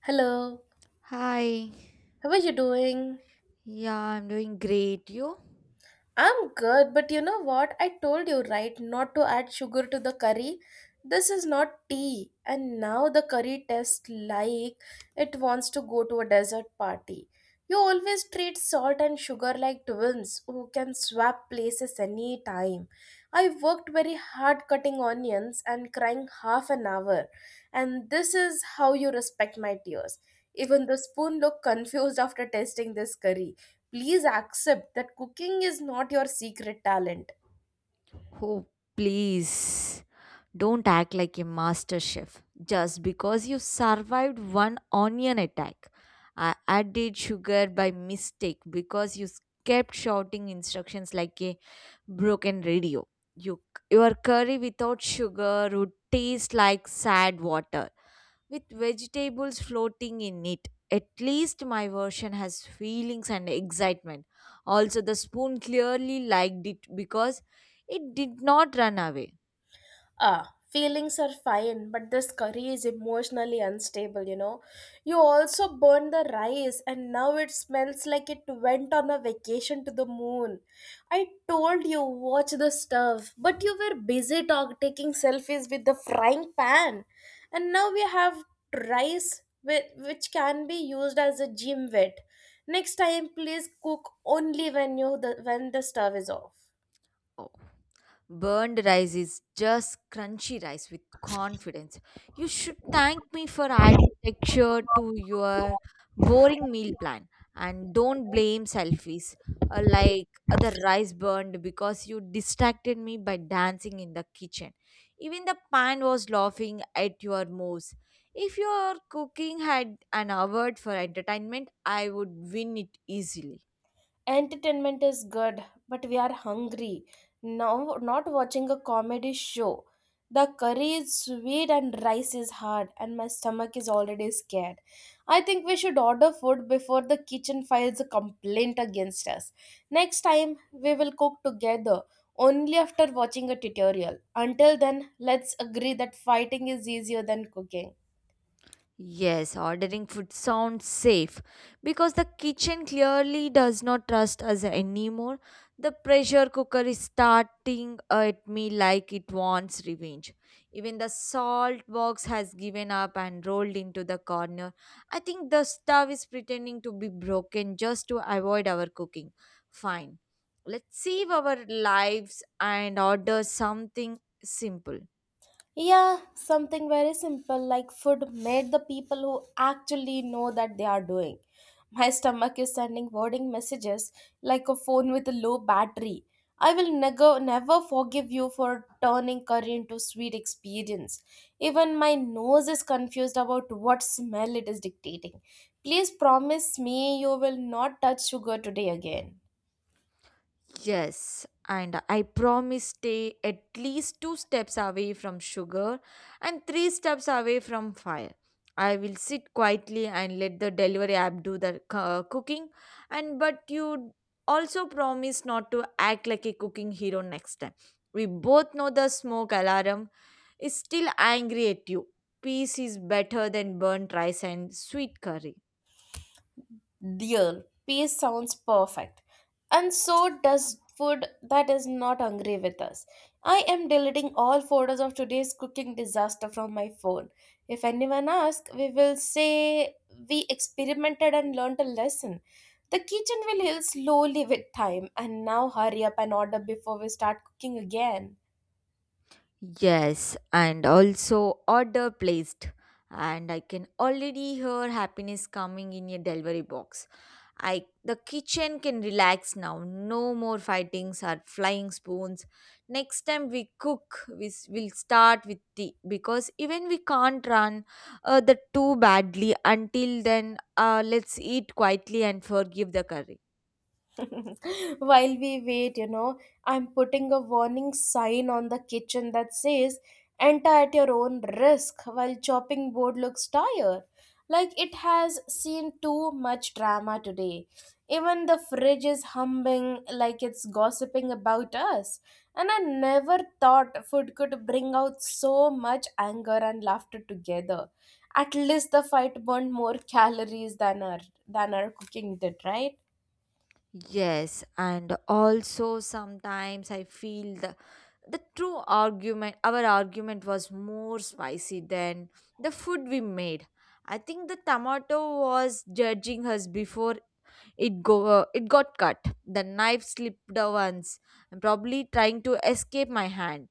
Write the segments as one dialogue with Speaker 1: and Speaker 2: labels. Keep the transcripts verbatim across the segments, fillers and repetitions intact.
Speaker 1: Hello,
Speaker 2: Hi.
Speaker 1: how are you doing?
Speaker 2: Yeah, I'm doing great. You?
Speaker 1: I'm good, but you know what? I told you, right, not to add sugar to the curry. This is not tea, and now the curry tastes like it wants to go to a desert party. You always treat salt and sugar like twins who can swap places any time. I worked very hard cutting onions and crying half an hour, and this is how you respect my tears. Even the spoon looked confused after tasting this curry. Please accept that cooking is not your secret talent.
Speaker 2: Oh, please. Don't act like a master chef just because you survived one onion attack. I added sugar by mistake because you kept shouting instructions like a broken radio. You, your curry without sugar would taste like sad water. With vegetables floating in it. At least my version has feelings and excitement. Also, the spoon clearly liked it because it did not run away.
Speaker 1: Ah, feelings are fine, but this curry is emotionally unstable, you know. You also burned the rice, and now it smells like it went on a vacation to the moon. I told you, watch the stuff, but you were busy talk- taking selfies with the frying pan. And now we have rice with, which can be used as a gym wet. Next time, please cook only when you the, when the stove is off.
Speaker 2: Burned rice is just crunchy rice with confidence. You should thank me for adding texture to your boring meal plan and don't blame selfies uh, like uh, the rice burned because you distracted me by dancing in the kitchen. Even the pan was laughing at your moves. If your cooking had an award for entertainment, I would win it easily.
Speaker 1: Entertainment is good, but we are hungry now, not watching a comedy show. The curry is sweet and rice is hard, and my stomach is already scared. I think we should order food before the kitchen files a complaint against us. Next time we will cook together only after watching a tutorial. Until then, let's agree that fighting is easier than cooking.
Speaker 2: Yes, ordering food sounds safe because the kitchen clearly does not trust us anymore. The pressure cooker is starting at me like it wants revenge. Even the salt box has given up and rolled into the corner. I think the stove is pretending to be broken just to avoid our cooking. Fine, let's save our lives and order something simple.
Speaker 1: Yeah, something very simple, like food made the people who actually know that they are doing. My stomach is sending warning messages like a phone with a low battery. I will never never forgive you for turning curry into sweet experience. Even my nose is confused about what smell it is dictating. Please promise me you will not touch sugar today again.
Speaker 2: Yes, and I promise stay at least two steps away from sugar and three steps away from fire. I will sit quietly and let the delivery app do the uh, cooking and but you also promise not to act like a cooking hero next time. We both know the smoke alarm is still angry at you. Peace is better than burnt rice and sweet curry.
Speaker 1: Dear, peace sounds perfect. And so does food that is not hungry with us. I am deleting all photos of today's cooking disaster from my phone. If anyone asks, we will say we experimented and learned a lesson. The kitchen will heal slowly with time, and now hurry up and order before we start cooking again.
Speaker 2: Yes, and also order placed. And I can already hear happiness coming in your delivery box. I the kitchen can relax now. No more fightings or flying spoons. Next time we cook, we will start with tea because even we can't run uh, the too badly. Until then, uh, let's eat quietly and forgive the curry.
Speaker 1: While we wait, you know, I'm putting a warning sign on the kitchen that says, enter at your own risk while chopping board looks tired. Like it has seen too much drama today. Even the fridge is humming like it's gossiping about us. And I never thought food could bring out so much anger and laughter together. At least the fight burned more calories than our than our cooking did, right?
Speaker 2: Yes, and also sometimes I feel the the true argument our argument was more spicy than the food we made. I think the tomato was judging us before it go uh, it got cut. The knife slipped once and probably trying to escape my hand.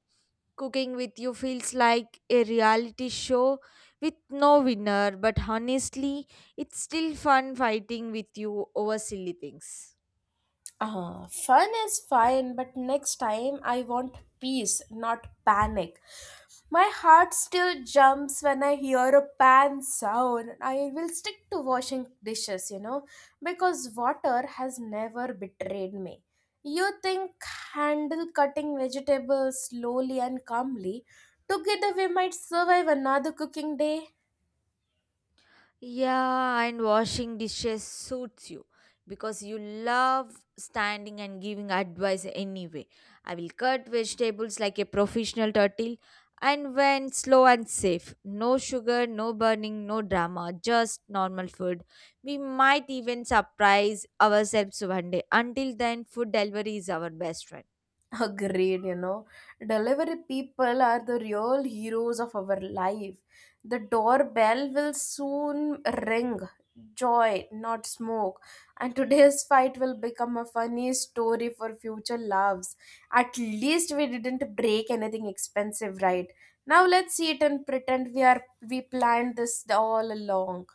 Speaker 2: Cooking with you feels like a reality show with no winner, but honestly it's still fun fighting with you over silly things.
Speaker 1: Uh, fun is fine, but next time I want peace, not panic. My heart still jumps when I hear a pan sound. I will stick to washing dishes, you know, because water has never betrayed me. You think handle cutting vegetables slowly and calmly together we might survive another cooking day?
Speaker 2: Yeah, and washing dishes suits you because you love standing and giving advice anyway. I will cut vegetables like a professional turtle and when slow and safe. No sugar, no burning, no drama, just normal food. We might even surprise ourselves one day. Until then, food delivery is our best friend.
Speaker 1: Agreed, you know. Delivery people are the real heroes of our life. The doorbell will soon ring. Joy, not smoke. And today's fight will become a funny story for future loves. At least we didn't break anything expensive, right? Now let's see it and pretend we are we planned this all along.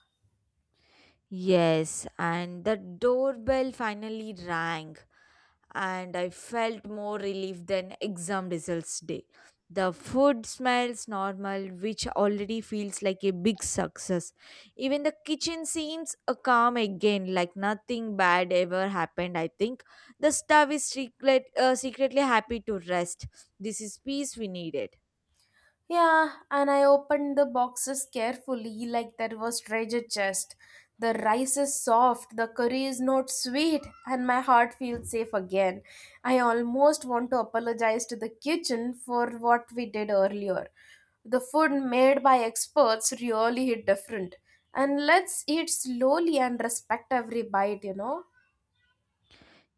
Speaker 2: Yes, and the doorbell finally rang. And I felt more relief than exam results day. The food smells normal, which already feels like a big success. Even the kitchen seems uh, calm again, like nothing bad ever happened. I think the staff is secret, uh, secretly happy to rest. This is peace we needed.
Speaker 1: Yeah, and I opened the boxes carefully, like that was treasure chest. The rice is soft, the curry is not sweet, and my heart feels safe again. I almost want to apologize to the kitchen for what we did earlier. The food made by experts really hit different. And let's eat slowly and respect every bite, you know?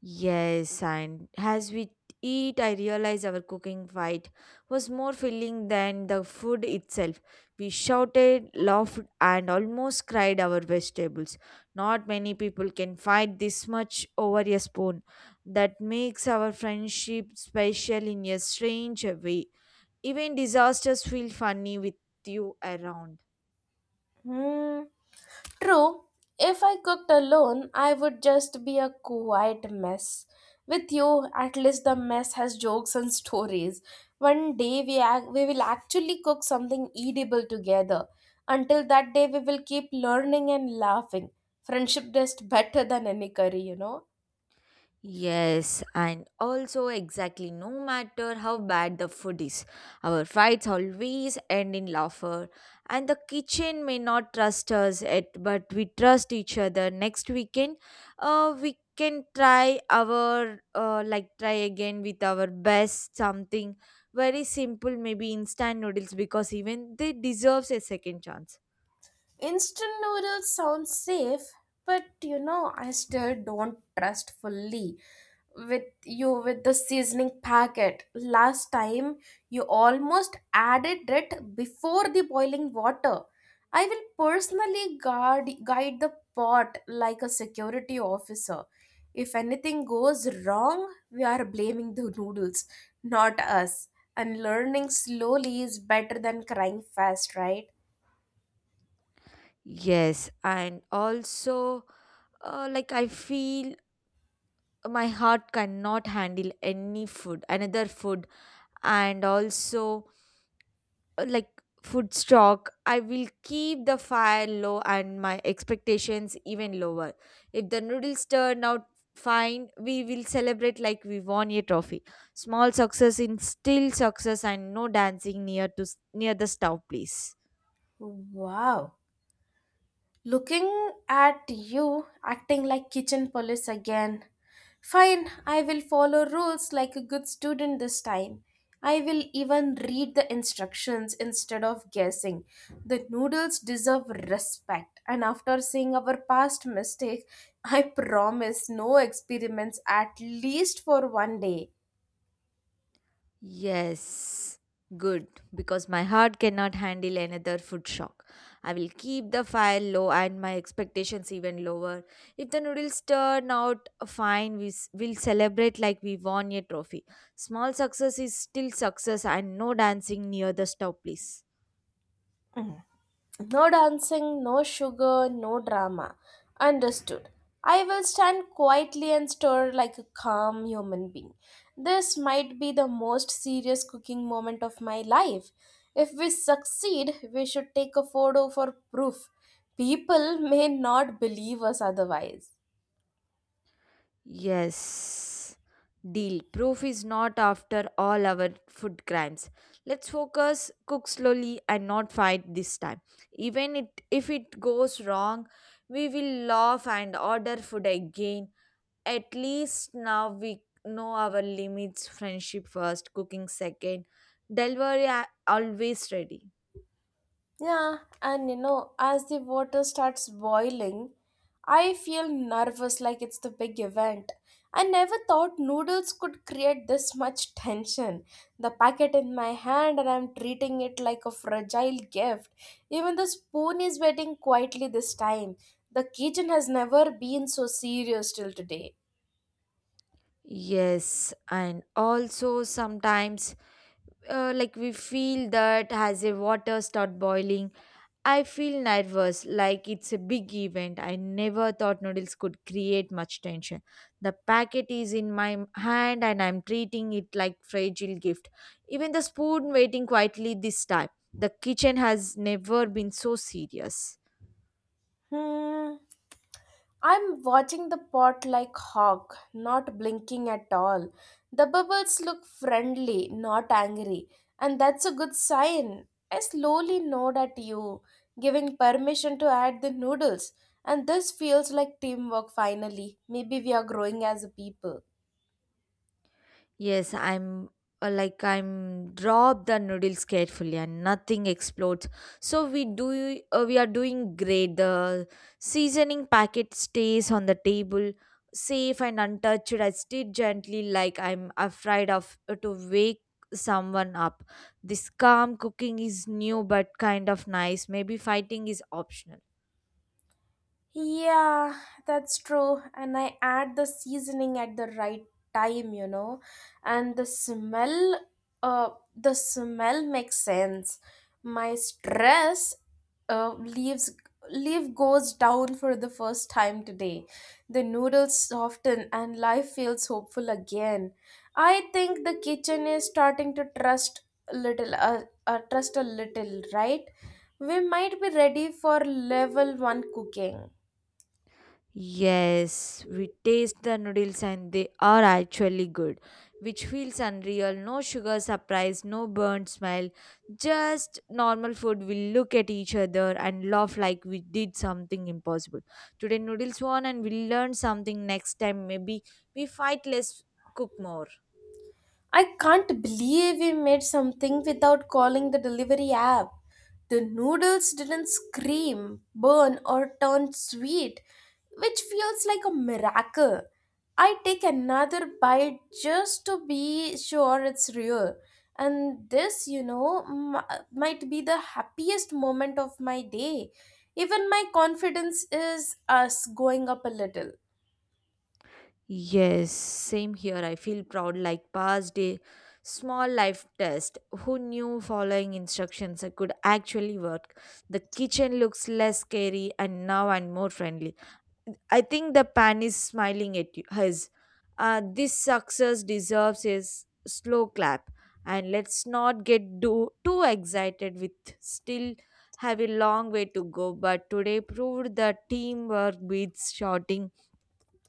Speaker 2: Yes, and as we eat, I realize our cooking fight was more filling than the food itself. We shouted, laughed, and almost cried our vegetables. Not many people can fight this much over a spoon. That makes our friendship special in a strange way. Even disasters feel funny with you around.
Speaker 1: Hmm. True, if I cooked alone, I would just be a quiet mess. With you, at least the mess has jokes and stories. One day we, ac- we will actually cook something eatable together. Until that day, we will keep learning and laughing. Friendship is better than any curry, you know.
Speaker 2: Yes, and also exactly no matter how bad the food is, our fights always end in laughter. And the kitchen may not trust us yet, but we trust each other. Next weekend, uh, we can try our uh, like try again with our best something very simple, maybe instant noodles because even they deserves a second chance.
Speaker 1: Instant noodles sound safe, but you know, I still don't trust fully with you with the seasoning packet. Last time you almost added it before the boiling water. I will personally guard guide the pot like a security officer. If anything goes wrong, we are blaming the noodles, not us. And learning slowly is better than crying fast, right?
Speaker 2: Yes, and also uh, like I feel my heart cannot handle any food another food and also uh, like food stock. I will keep the fire low and my expectations even lower. If the noodles turn out fine, we will celebrate like we won a trophy. Small success in still success and no dancing near to s- near the stove, please.
Speaker 1: Wow. Looking at you acting like kitchen police again. Fine, I will follow rules like a good student this time. I will even read the instructions instead of guessing. The noodles deserve respect, and after seeing our past mistake, I promise no experiments at least for one day.
Speaker 2: Yes, good, because my heart cannot handle another food shock. I will keep the fire low and my expectations even lower. If the noodles turn out fine, we s- will celebrate like we won a trophy. Small success is still success and no dancing near the stove, please.
Speaker 1: No dancing, no sugar, no drama. Understood. I will stand quietly and stir like a calm human being. This might be the most serious cooking moment of my life. If we succeed, we should take a photo for proof. People may not believe us otherwise.
Speaker 2: Yes. Deal. Proof is not after all our food crimes. Let's focus, cook slowly and not fight this time. Even it, if it goes wrong, we will laugh and order food again. At least now we know our limits. Friendship first, cooking second. Delivery a- always ready.
Speaker 1: Yeah, and you know, as the water starts boiling, I feel nervous like it's the big event. I never thought noodles could create this much tension. The packet in my hand, and I'm treating it like a fragile gift. Even the spoon is waiting quietly this time. The kitchen has never been so serious till today.
Speaker 2: Yes, and also sometimes uh, like we feel that as a water start boiling, I feel nervous, like it's a big event. I never thought noodles could create much tension. The packet is in my hand and I'm treating it like fragile gift. Even the spoon waiting quietly this time. The kitchen has never been so serious.
Speaker 1: Hmm. I'm watching the pot like hawk, not blinking at all. The bubbles look friendly, not angry, and that's a good sign. I slowly nod at you, giving permission to add the noodles, and this feels like teamwork finally. Maybe we are growing as a people.
Speaker 2: Yes, I'm uh, like I'm drop the noodles carefully and nothing explodes. So we do uh, we are doing great. The seasoning packet stays on the table, safe and untouched. I stir gently like I'm afraid of uh, to wake someone up. This calm cooking is new but kind of nice. Maybe fighting is optional.
Speaker 1: Yeah, that's true. And I add the seasoning at the right time, you know. And the smell, uh, the smell makes sense. My stress, uh, leaves leaf goes down for the first time today. The noodles soften and life feels hopeful again. I think the kitchen is starting to trust a little, uh, uh, trust a little, right? We might be ready for level one cooking.
Speaker 2: Yes, we taste the noodles and they are actually good, which feels unreal. No sugar surprise, no burnt smell, just normal food. We look at each other and laugh like we did something impossible. Today, noodles won, and we learn something next time. Maybe we fight less, cook more.
Speaker 1: I can't believe we made something without calling the delivery app. The noodles didn't scream, burn, or turn sweet, which feels like a miracle. I take another bite just to be sure it's real. And this, you know, m- might be the happiest moment of my day. Even my confidence is us going up a little.
Speaker 2: Yes, same here. I feel proud like passed a small life test. Who knew following instructions could actually work? The kitchen looks less scary and now and more friendly. I think the pan is smiling at you. His. Uh, this success deserves a s- slow clap. And let's not get do, too excited with still have a long way to go. But today proved that teamwork beats shouting.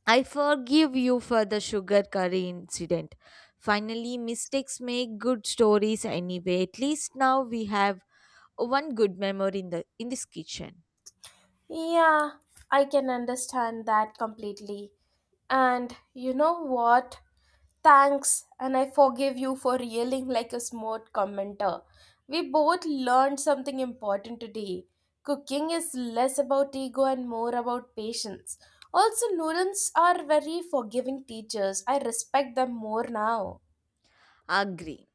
Speaker 2: I forgive you for the sugar curry incident. Finally, mistakes make good stories anyway. At least now we have one good memory in the in this kitchen.
Speaker 1: Yeah, I can understand that completely. And you know what? Thanks, and I forgive you for yelling like a smart commenter. We both learned something important today. Cooking is less about ego and more about patience. Also, noodles are very forgiving teachers. I respect them more now.
Speaker 2: Agree.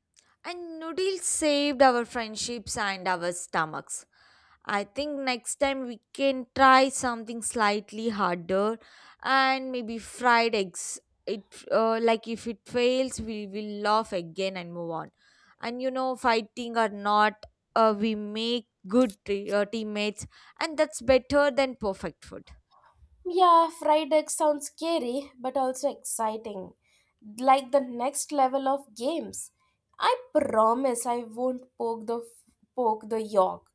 Speaker 2: And noodles saved our friendships and our stomachs. I think next time we can try something slightly harder and maybe fried eggs. It uh, like if it fails, we will laugh again and move on. And you know, fighting or not, uh, we make good te- uh, teammates, and that's better than perfect food.
Speaker 1: Yeah, fried egg sounds scary but also exciting. Like the next level of games. I promise I won't poke the poke the yolk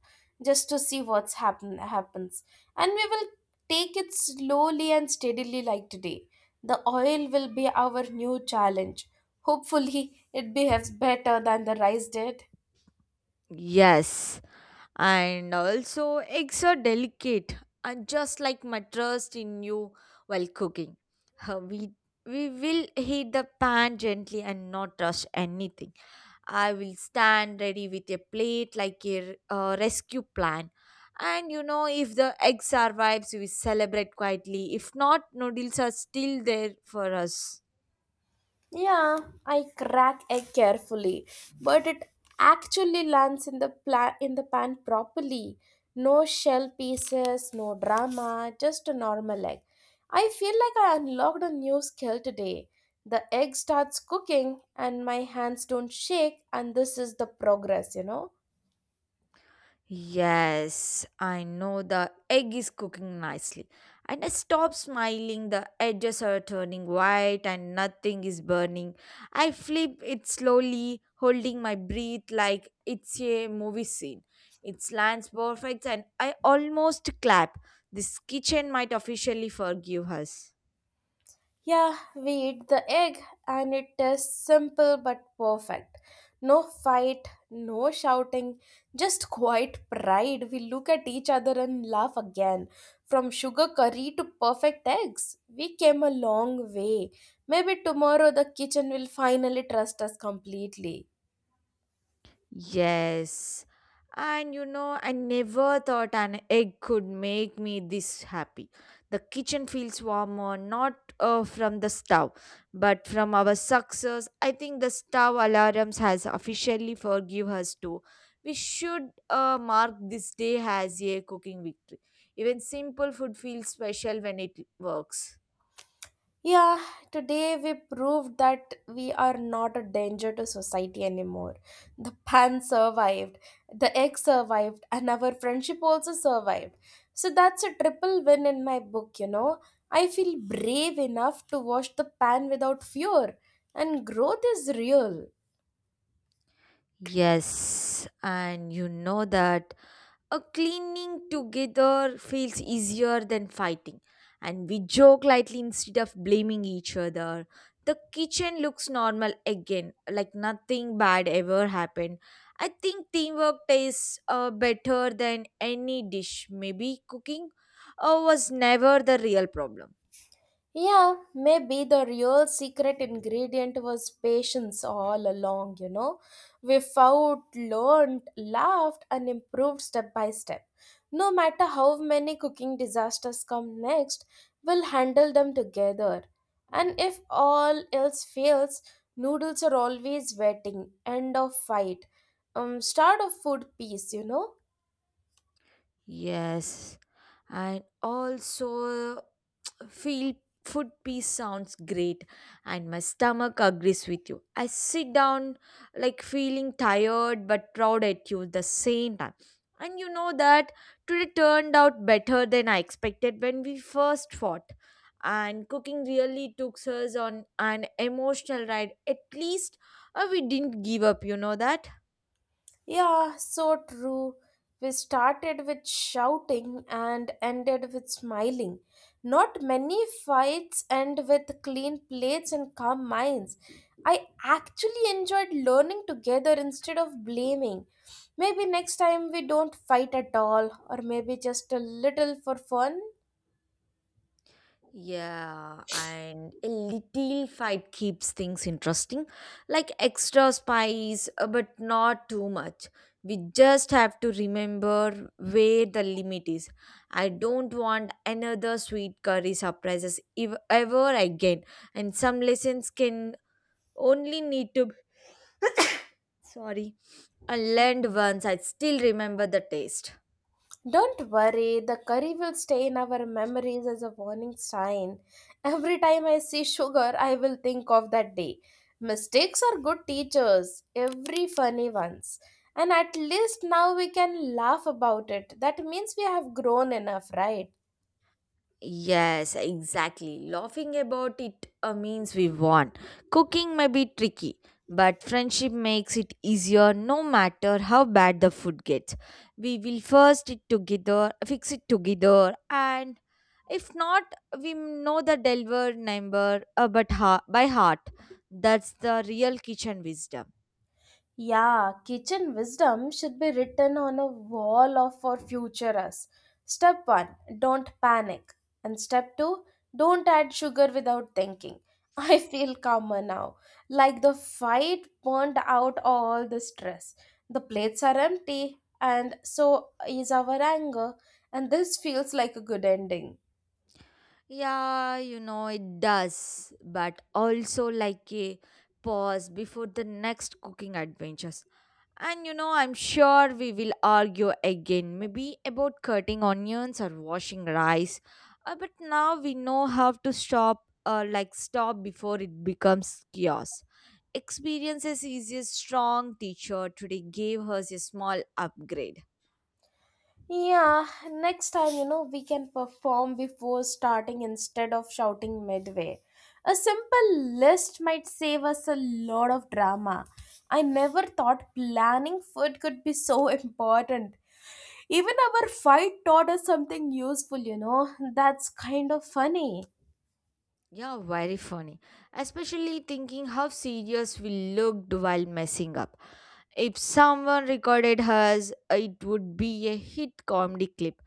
Speaker 1: just to see what's happen happens. And we will take it slowly and steadily like today. The oil will be our new challenge. Hopefully it behaves better than the rice did.
Speaker 2: Yes, and also eggs are delicate and just like my trust in you while cooking. Uh, we we will heat the pan gently and not rush anything. I will stand ready with a plate like a uh, rescue plan. And you know, if the egg survives, we celebrate quietly. If not, noodles are still there for us.
Speaker 1: Yeah, I crack egg carefully, but it actually lands in the pla- in the pan properly. No shell pieces, no drama, just a normal egg. I feel like I unlocked a new skill today. The egg starts cooking and my hands don't shake, and this is the progress, you know.
Speaker 2: Yes, I know the egg is cooking nicely. And I stop smiling, the edges are turning white and nothing is burning. I flip it slowly, holding my breath like it's a movie scene. It lands perfect and I almost clap. This kitchen might officially forgive us.
Speaker 1: Yeah, we eat the egg and it is simple but perfect. No fight, no shouting, just quiet pride. We look at each other and laugh again. From sugar curry to perfect eggs, we came a long way. Maybe tomorrow the kitchen will finally trust us completely.
Speaker 2: Yes. And you know, I never thought an egg could make me this happy. The kitchen feels warmer, not uh, from the stove, but from our success. I think the stove alarms has officially forgive us too. We should uh, mark this day as a cooking victory. Even simple food feels special when it works.
Speaker 1: Yeah, today we proved that we are not a danger to society anymore. The pan survived, the egg survived, and our friendship also survived. So that's a triple win in my book, you know. I feel brave enough to wash the pan without fear, and growth is real.
Speaker 2: Yes, and you know that a cleaning together feels easier than fighting, and we joke lightly instead of blaming each other. The kitchen looks normal again like nothing bad ever happened. I think teamwork tastes uh, better than any dish. Maybe cooking uh, was never the real problem.
Speaker 1: Yeah, maybe the real secret ingredient was patience all along, you know. We fought, learned, laughed, and improved step by step. No matter how many cooking disasters come next, we'll handle them together. And if all else fails, noodles are always waiting. End of fight. Um, start of food peace, you know.
Speaker 2: Yes, and also feel food peace sounds great, and my stomach agrees with you. I sit down like feeling tired but proud at you the same time. And you know that today turned out better than I expected when we first fought. And cooking really took us on an emotional ride. At least uh, we didn't give up, you know that.
Speaker 1: Yeah, so true. We started with shouting and ended with smiling. Not many fights end with clean plates and calm minds. I actually enjoyed learning together instead of blaming. Maybe next time we don't fight at all, or maybe just a little for fun.
Speaker 2: Yeah, and a little fight keeps things interesting, like extra spice, uh, but not too much. We just have to remember where the limit is. I don't want another sweet curry surprises if ever again. And some lessons can only need to, sorry, I learned once. I still remember the taste.
Speaker 1: Don't worry, the curry will stay in our memories as a warning sign. Every time I see sugar, I will think of that day. Mistakes are good teachers, every funny ones. And at least now we can laugh about it. That means we have grown enough, right?
Speaker 2: Yes, exactly. Laughing about it uh, means we won. Cooking may be tricky, but friendship makes it easier no matter how bad the food gets. We will first it together, fix it together, and if not, we know the deliver number uh, but ha- by heart. That's the real kitchen wisdom.
Speaker 1: Yeah, kitchen wisdom should be written on a wall of for future us. Step one, don't panic. And step two, don't add sugar without thinking. I feel calmer now. Like the fight burned out all the stress. The plates are empty and so is our anger, and this feels like a good ending.
Speaker 2: Yeah, you know, it does, but also like a pause before the next cooking adventure. And you know, I'm sure we will argue again, maybe about cutting onions or washing rice. Uh, but now we know how to stop, uh, like stop before it becomes chaos. Experiences is a strong teacher. Today gave us a small upgrade.
Speaker 1: Yeah, next time, you know, we can perform before starting instead of shouting midway. A simple list might save us a lot of drama. I never thought planning food could be so important. Even our fight taught us something useful, you know. That's kind of funny.
Speaker 2: Yeah, very funny. Especially thinking how serious we looked while messing up. If someone recorded us, it would be a hit comedy clip.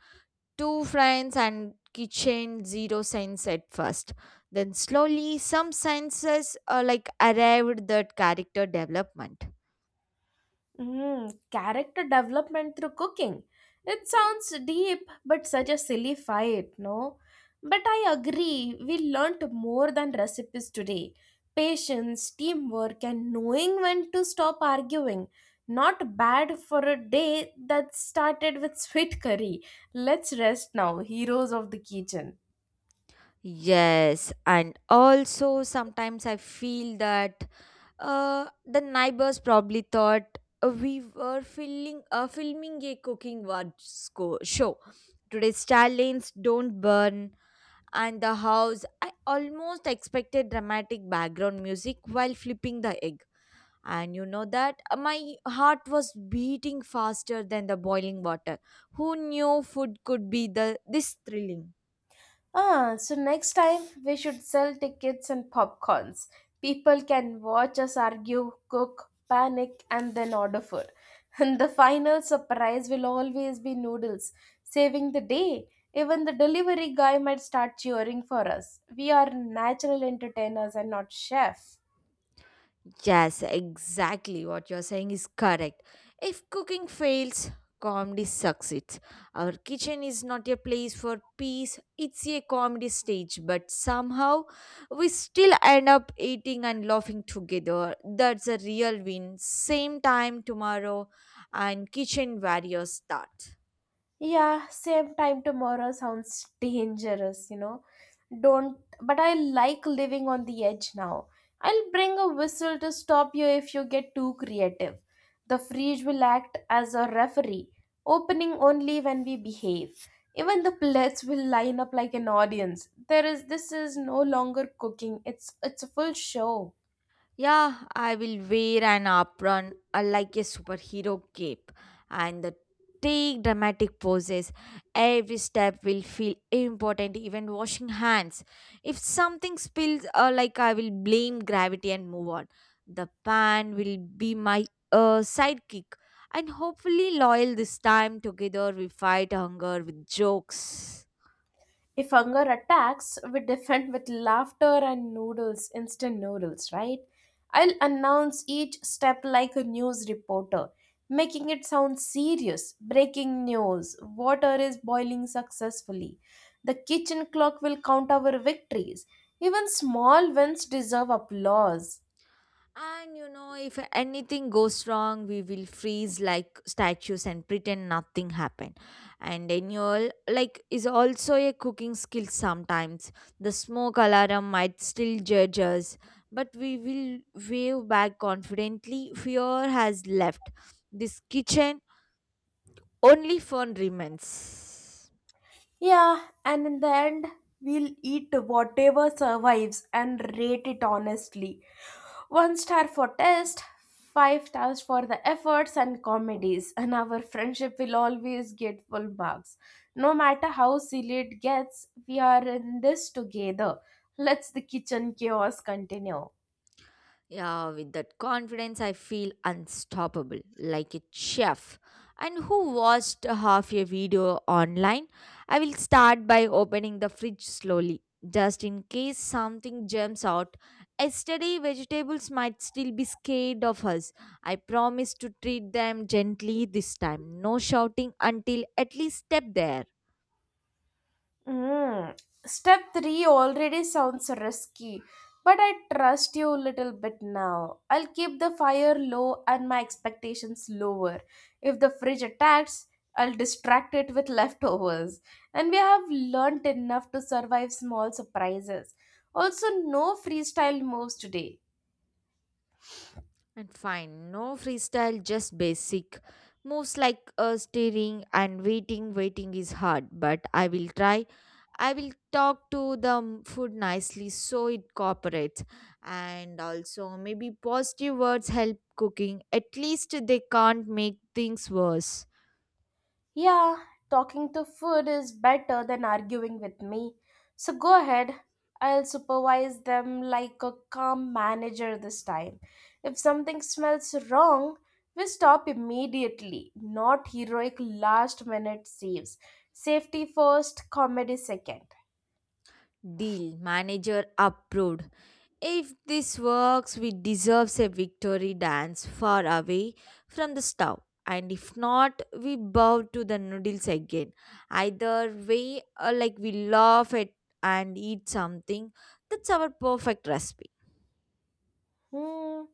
Speaker 2: Two friends and kitchen zero cents at first. Then slowly some senses uh, like arrived that character development.
Speaker 1: Mm, character development through cooking. It sounds deep, but such a silly fight, no? But I agree, we learnt more than recipes today. Patience, teamwork, and knowing when to stop arguing. Not bad for a day that started with sweet curry. Let's rest now, heroes of the kitchen.
Speaker 2: Yes, and also sometimes I feel that Uh, the neighbors probably thought uh, we were filling, uh, filming a cooking watch sco- show. Today's star don't burn, and the house. I almost expected dramatic background music while flipping the egg. And you know that uh, my heart was beating faster than the boiling water. Who knew food could be the this thrilling?
Speaker 1: Ah, so next time we should sell tickets and popcorns. People can watch us argue, cook, panic, and then order food. And the final surprise will always be noodles, saving the day. Even the delivery guy might start cheering for us. We are natural entertainers and not chef.
Speaker 2: Yes, exactly what you're saying is correct. If cooking fails, comedy succeeds. Our kitchen is not a place for peace, it's a comedy stage, but somehow we still end up eating and laughing together. That's a real win. Same time tomorrow, and kitchen warriors start.
Speaker 1: Yeah, same time tomorrow sounds dangerous, you know. Don't, but I like living on the edge now. I'll bring a whistle to stop you if you get too creative. The fridge will act as a referee, opening only when we behave. Even the plates will line up like an audience. There is this is no longer cooking. It's it's a full show.
Speaker 2: Yeah, I will wear an apron uh, like a superhero cape and the take dramatic poses. Every step will feel important, even washing hands. If something spills, uh, like I will blame gravity and move on. The pan will be my uh, sidekick and hopefully loyal this time. Together we fight hunger with jokes.
Speaker 1: If hunger attacks, we defend with laughter and noodles, instant noodles, right? I'll announce each step like a news reporter, making it sound serious. Breaking news, water is boiling successfully. The kitchen clock will count our victories. Even small wins deserve applause.
Speaker 2: And you know, if anything goes wrong, we will freeze like statues and pretend nothing happened. And annual, like, is also a cooking skill sometimes. The smoke alarm might still judge us, but we will wave back confidently. Fear has left. This kitchen, only fun remains.
Speaker 1: Yeah, and in the end, we'll eat whatever survives and rate it honestly. One star for taste, five stars for the efforts and comedies, and our friendship will always get full marks. No matter how silly it gets, we are in this together. Let's the kitchen chaos continue.
Speaker 2: Yeah, with that confidence, I feel unstoppable, like a chef. And who watched a half a video online? I will start by opening the fridge slowly, just in case something jumps out. Yesterday, vegetables might still be scared of us. I promise to treat them gently this time. No shouting until at least step there.
Speaker 1: Mm. Step three already sounds risky, but I trust you a little bit now. I'll keep the fire low and my expectations lower. If the fridge attacks, I'll distract it with leftovers. And we have learnt enough to survive small surprises. Also, no freestyle moves today.
Speaker 2: And fine, no freestyle, just basic moves like uh, steering and waiting. Waiting is hard, but I will try. I will talk to the m- food nicely so it cooperates. And also, maybe positive words help cooking. At least they can't make things worse.
Speaker 1: Yeah, talking to food is better than arguing with me. So go ahead. I'll supervise them like a calm manager this time. If something smells wrong, we stop immediately, not heroic last minute saves. Safety first, comedy second.
Speaker 2: Deal, manager approved. If this works, we deserves a victory dance far away from the stove. And if not, we bow to the noodles again. Either way, uh, like we laugh at and eat something. That's our perfect recipe.
Speaker 1: Hmm.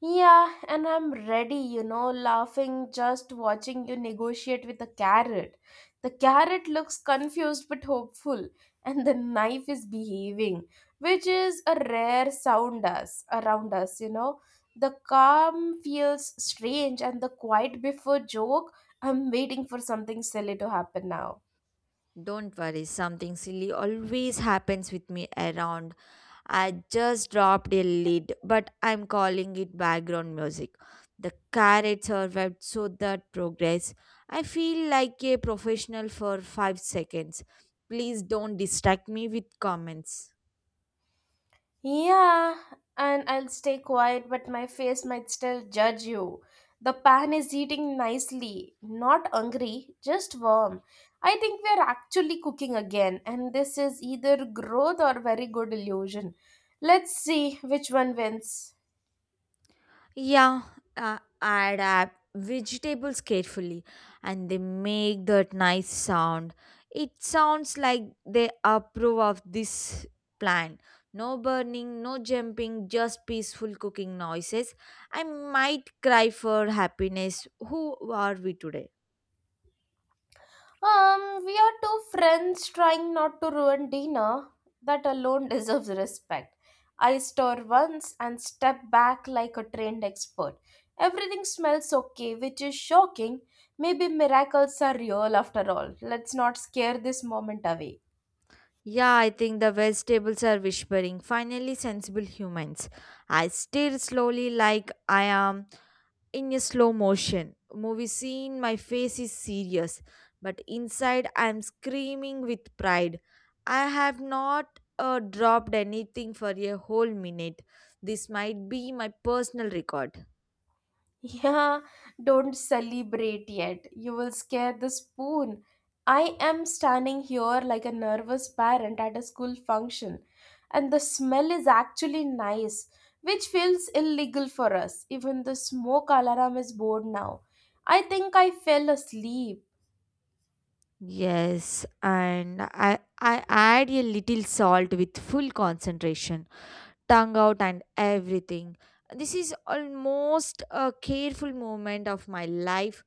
Speaker 1: Yeah, and I'm ready, you know, laughing just watching you negotiate with the carrot. The carrot looks confused but hopeful, and the knife is behaving, which is a rare sound us around us, you know. The calm feels strange and the quiet before joke. I'm waiting for something silly to happen now.
Speaker 2: Don't worry, something silly always happens with me around. I just dropped a lid, but I'm calling it background music. The carrot survived, so that progress. I feel like a professional for five seconds. Please don't distract me with comments.
Speaker 1: Yeah, and I'll stay quiet, but my face might still judge you. The pan is heating nicely, not hungry, just warm. I think we're actually cooking again, and this is either growth or very good illusion. Let's see which one wins.
Speaker 2: Yeah, uh, add up vegetables carefully and they make that nice sound. It sounds like they approve of this plan. No burning, no jumping, just peaceful cooking noises. I might cry for happiness. Who are we today?
Speaker 1: Um, we are two friends trying not to ruin dinner. That alone deserves respect. I stir once and step back like a trained expert. Everything smells okay, which is shocking. Maybe miracles are real after all. Let's not scare this moment away.
Speaker 2: Yeah, I think the vegetables are whispering. Finally, sensible humans. I stir slowly like I am in a slow motion movie scene. My face is serious but inside I am screaming with pride. I have not uh, dropped anything for a whole minute. This might be my personal record.
Speaker 1: Yeah, don't celebrate yet. You will scare the spoon. I am standing here like a nervous parent at a school function, and the smell is actually nice, which feels illegal for us. Even the smoke alarm is bored now. I think I fell asleep.
Speaker 2: Yes, and i i add a little salt with full concentration, tongue out and everything. This is almost a careful moment of my life.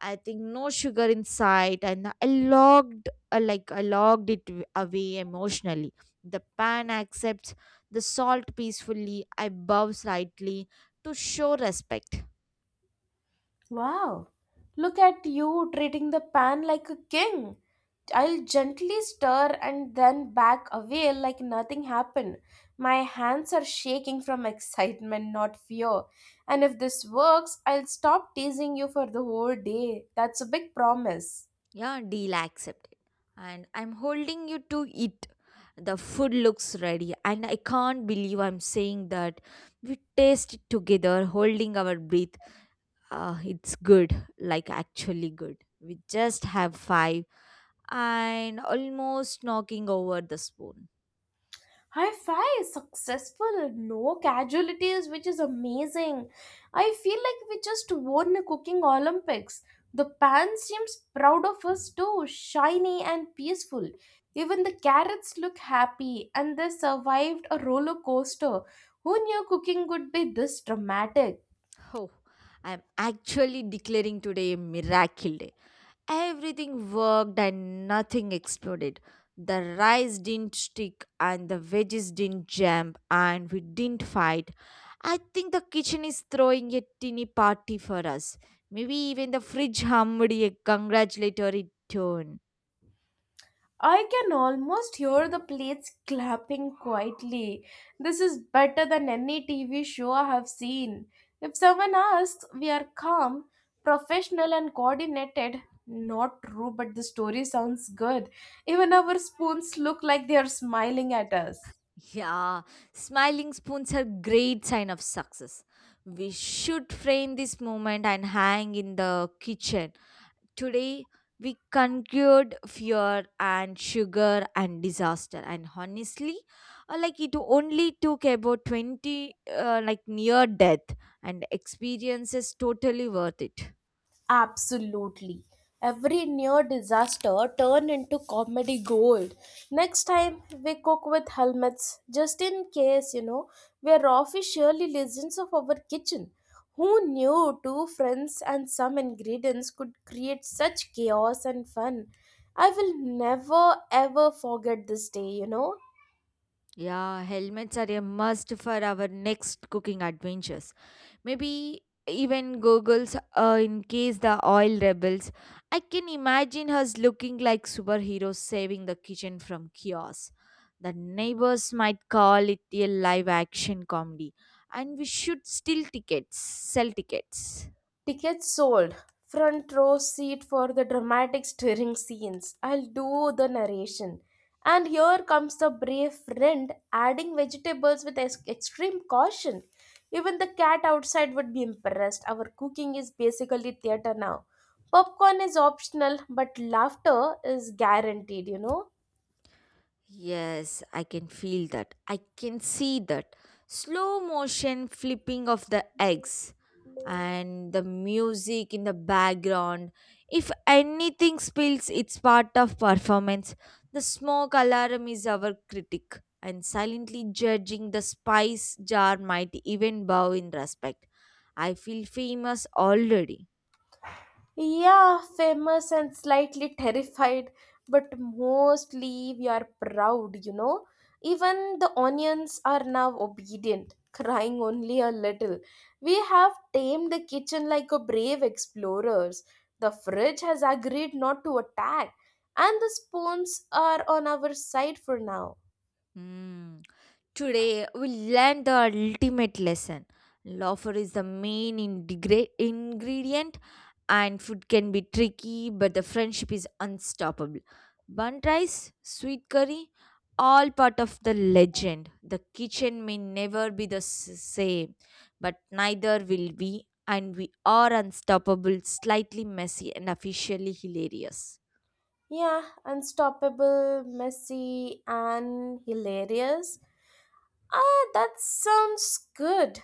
Speaker 2: I think no sugar in sight, and I logged uh, like I logged it w- away emotionally. The pan accepts the salt peacefully. I bow slightly to show respect.
Speaker 1: Wow, look at you treating the pan like a king. I'll gently stir and then back away like nothing happened. My hands are shaking from excitement, not fear. And if this works, I'll stop teasing you for the whole day. That's a big promise.
Speaker 2: Yeah, deal accepted, and I'm holding you to it. The food looks ready, and I can't believe I'm saying that. We taste it together, holding our breath. Uh, it's good, like actually good. We just have five and almost knocking over the spoon.
Speaker 1: Hi-Fi is successful, no casualties, which is amazing. I feel like we just won the cooking Olympics. The pan seems proud of us too, shiny and peaceful. Even the carrots look happy and they survived a roller coaster. Who knew cooking could be this dramatic?
Speaker 2: Oh, I'm actually declaring today a miracle day. Everything worked and nothing exploded. The rice didn't stick and the veggies didn't jump and we didn't fight. I think the kitchen is throwing a teeny party for us. Maybe even the fridge hummed a congratulatory tone.
Speaker 1: I can almost hear the plates clapping quietly. This is better than any T V show I have seen. If someone asks, we are calm, professional, and coordinated. Not true, but the story sounds good. Even our spoons look like they are smiling at us.
Speaker 2: Yeah, smiling spoons are great sign of success. We should frame this moment and hang in the kitchen. Today we conquered fear and sugar and disaster and honestly uh, like it only took about twenty uh, like near death and experiences totally worth it.
Speaker 1: Absolutely. Every near disaster turned into comedy gold. Next time we cook with helmets, just in case, you know, we're officially legends of our kitchen. Who knew two friends and some ingredients could create such chaos and fun? I will never ever forget this day, you know.
Speaker 2: Yeah, helmets are a must for our next cooking adventures. Maybe even goggles uh, in case the oil rebels. I can imagine her looking like superheroes saving the kitchen from chaos. The neighbors might call it a live action comedy, and we should steal tickets, sell tickets.
Speaker 1: Tickets sold. Front row seat for the dramatic stirring scenes. I'll do the narration. And here comes the brave friend adding vegetables with ex- extreme caution. Even the cat outside would be impressed. Our cooking is basically theater now. Popcorn is optional, but laughter is guaranteed, you know.
Speaker 2: Yes, I can feel that. I can see that. Slow motion flipping of the eggs and the music in the background. If anything spills, it's part of performance. The smoke alarm is our critic, and silently judging the spice jar might even bow in respect. I feel famous already.
Speaker 1: Yeah, famous and slightly terrified, but mostly we are proud, you know. Even the onions are now obedient, crying only a little. We have tamed the kitchen like a brave explorers. The fridge has agreed not to attack, and the spoons are on our side for now.
Speaker 2: Hmm. Today, we learn the ultimate lesson. Laughter is the main integra- ingredient, and food can be tricky, but the friendship is unstoppable. Bun rice, sweet curry, all part of the legend. The kitchen may never be the s- same, but neither will we, and we are unstoppable, slightly messy, and officially hilarious.
Speaker 1: Yeah, unstoppable, messy, and hilarious. Ah, that sounds good.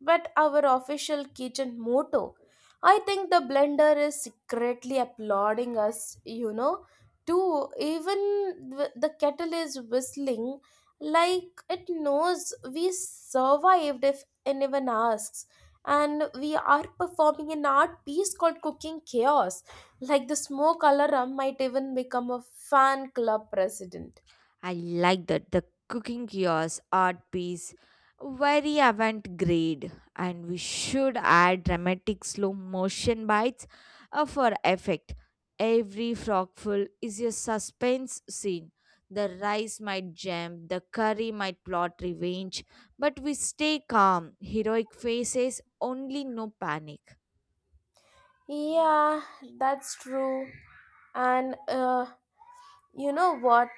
Speaker 1: But our official kitchen motto. I think the blender is secretly applauding us, you know. Too, even th- the kettle is whistling like it knows we survived if anyone asks. And we are performing an art piece called Cooking Chaos like the smoke alarm might even become a fan club president.
Speaker 2: I like that. The cooking kiosk art piece, very avant grade, and we should add dramatic slow motion bites uh, for effect. Every frogful is a suspense scene. The rice might jump, the curry might plot revenge, but we stay calm. Heroic faces, only no panic.
Speaker 1: Yeah, that's true. And uh, you know what?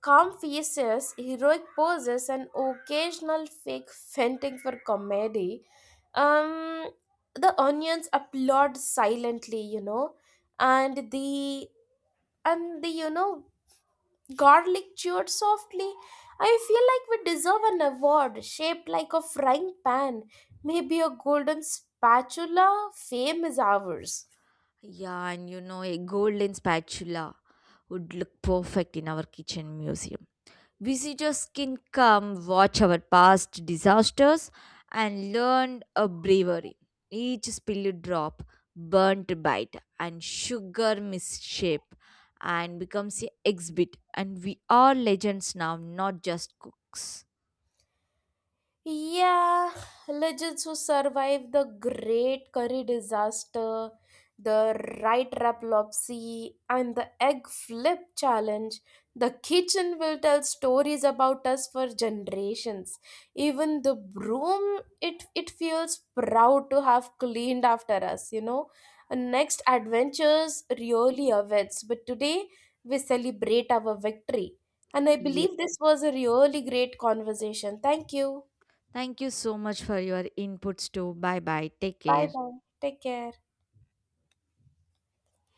Speaker 1: Calm faces, heroic poses, and occasional fake fainting for comedy. Um, the onions applaud silently, you know, and the and the you know Garlic cheered softly. I feel like we deserve an award shaped like a frying pan. Maybe a golden spatula. Fame is ours.
Speaker 2: Yeah, and you know, a golden spatula would look perfect in our kitchen museum. Visitors can come, watch our past disasters, and learn a bravery. Each spilled drop, burnt bite, and sugar misshape, and becomes a exhibit. And we are legends now, not just cooks.
Speaker 1: Yeah, legends who survived the Great Curry disaster, the right raplopsy, and the egg flip challenge. The kitchen will tell stories about us for generations. Even the broom, it it feels proud to have cleaned after us. You know, And next adventures really awaits. But today we celebrate our victory, and I
Speaker 2: Yes.
Speaker 1: believe this was a really great conversation. Thank you.
Speaker 2: Thank you so much for your inputs too. Bye bye. Take
Speaker 1: Bye
Speaker 2: care.
Speaker 1: bye. Take care.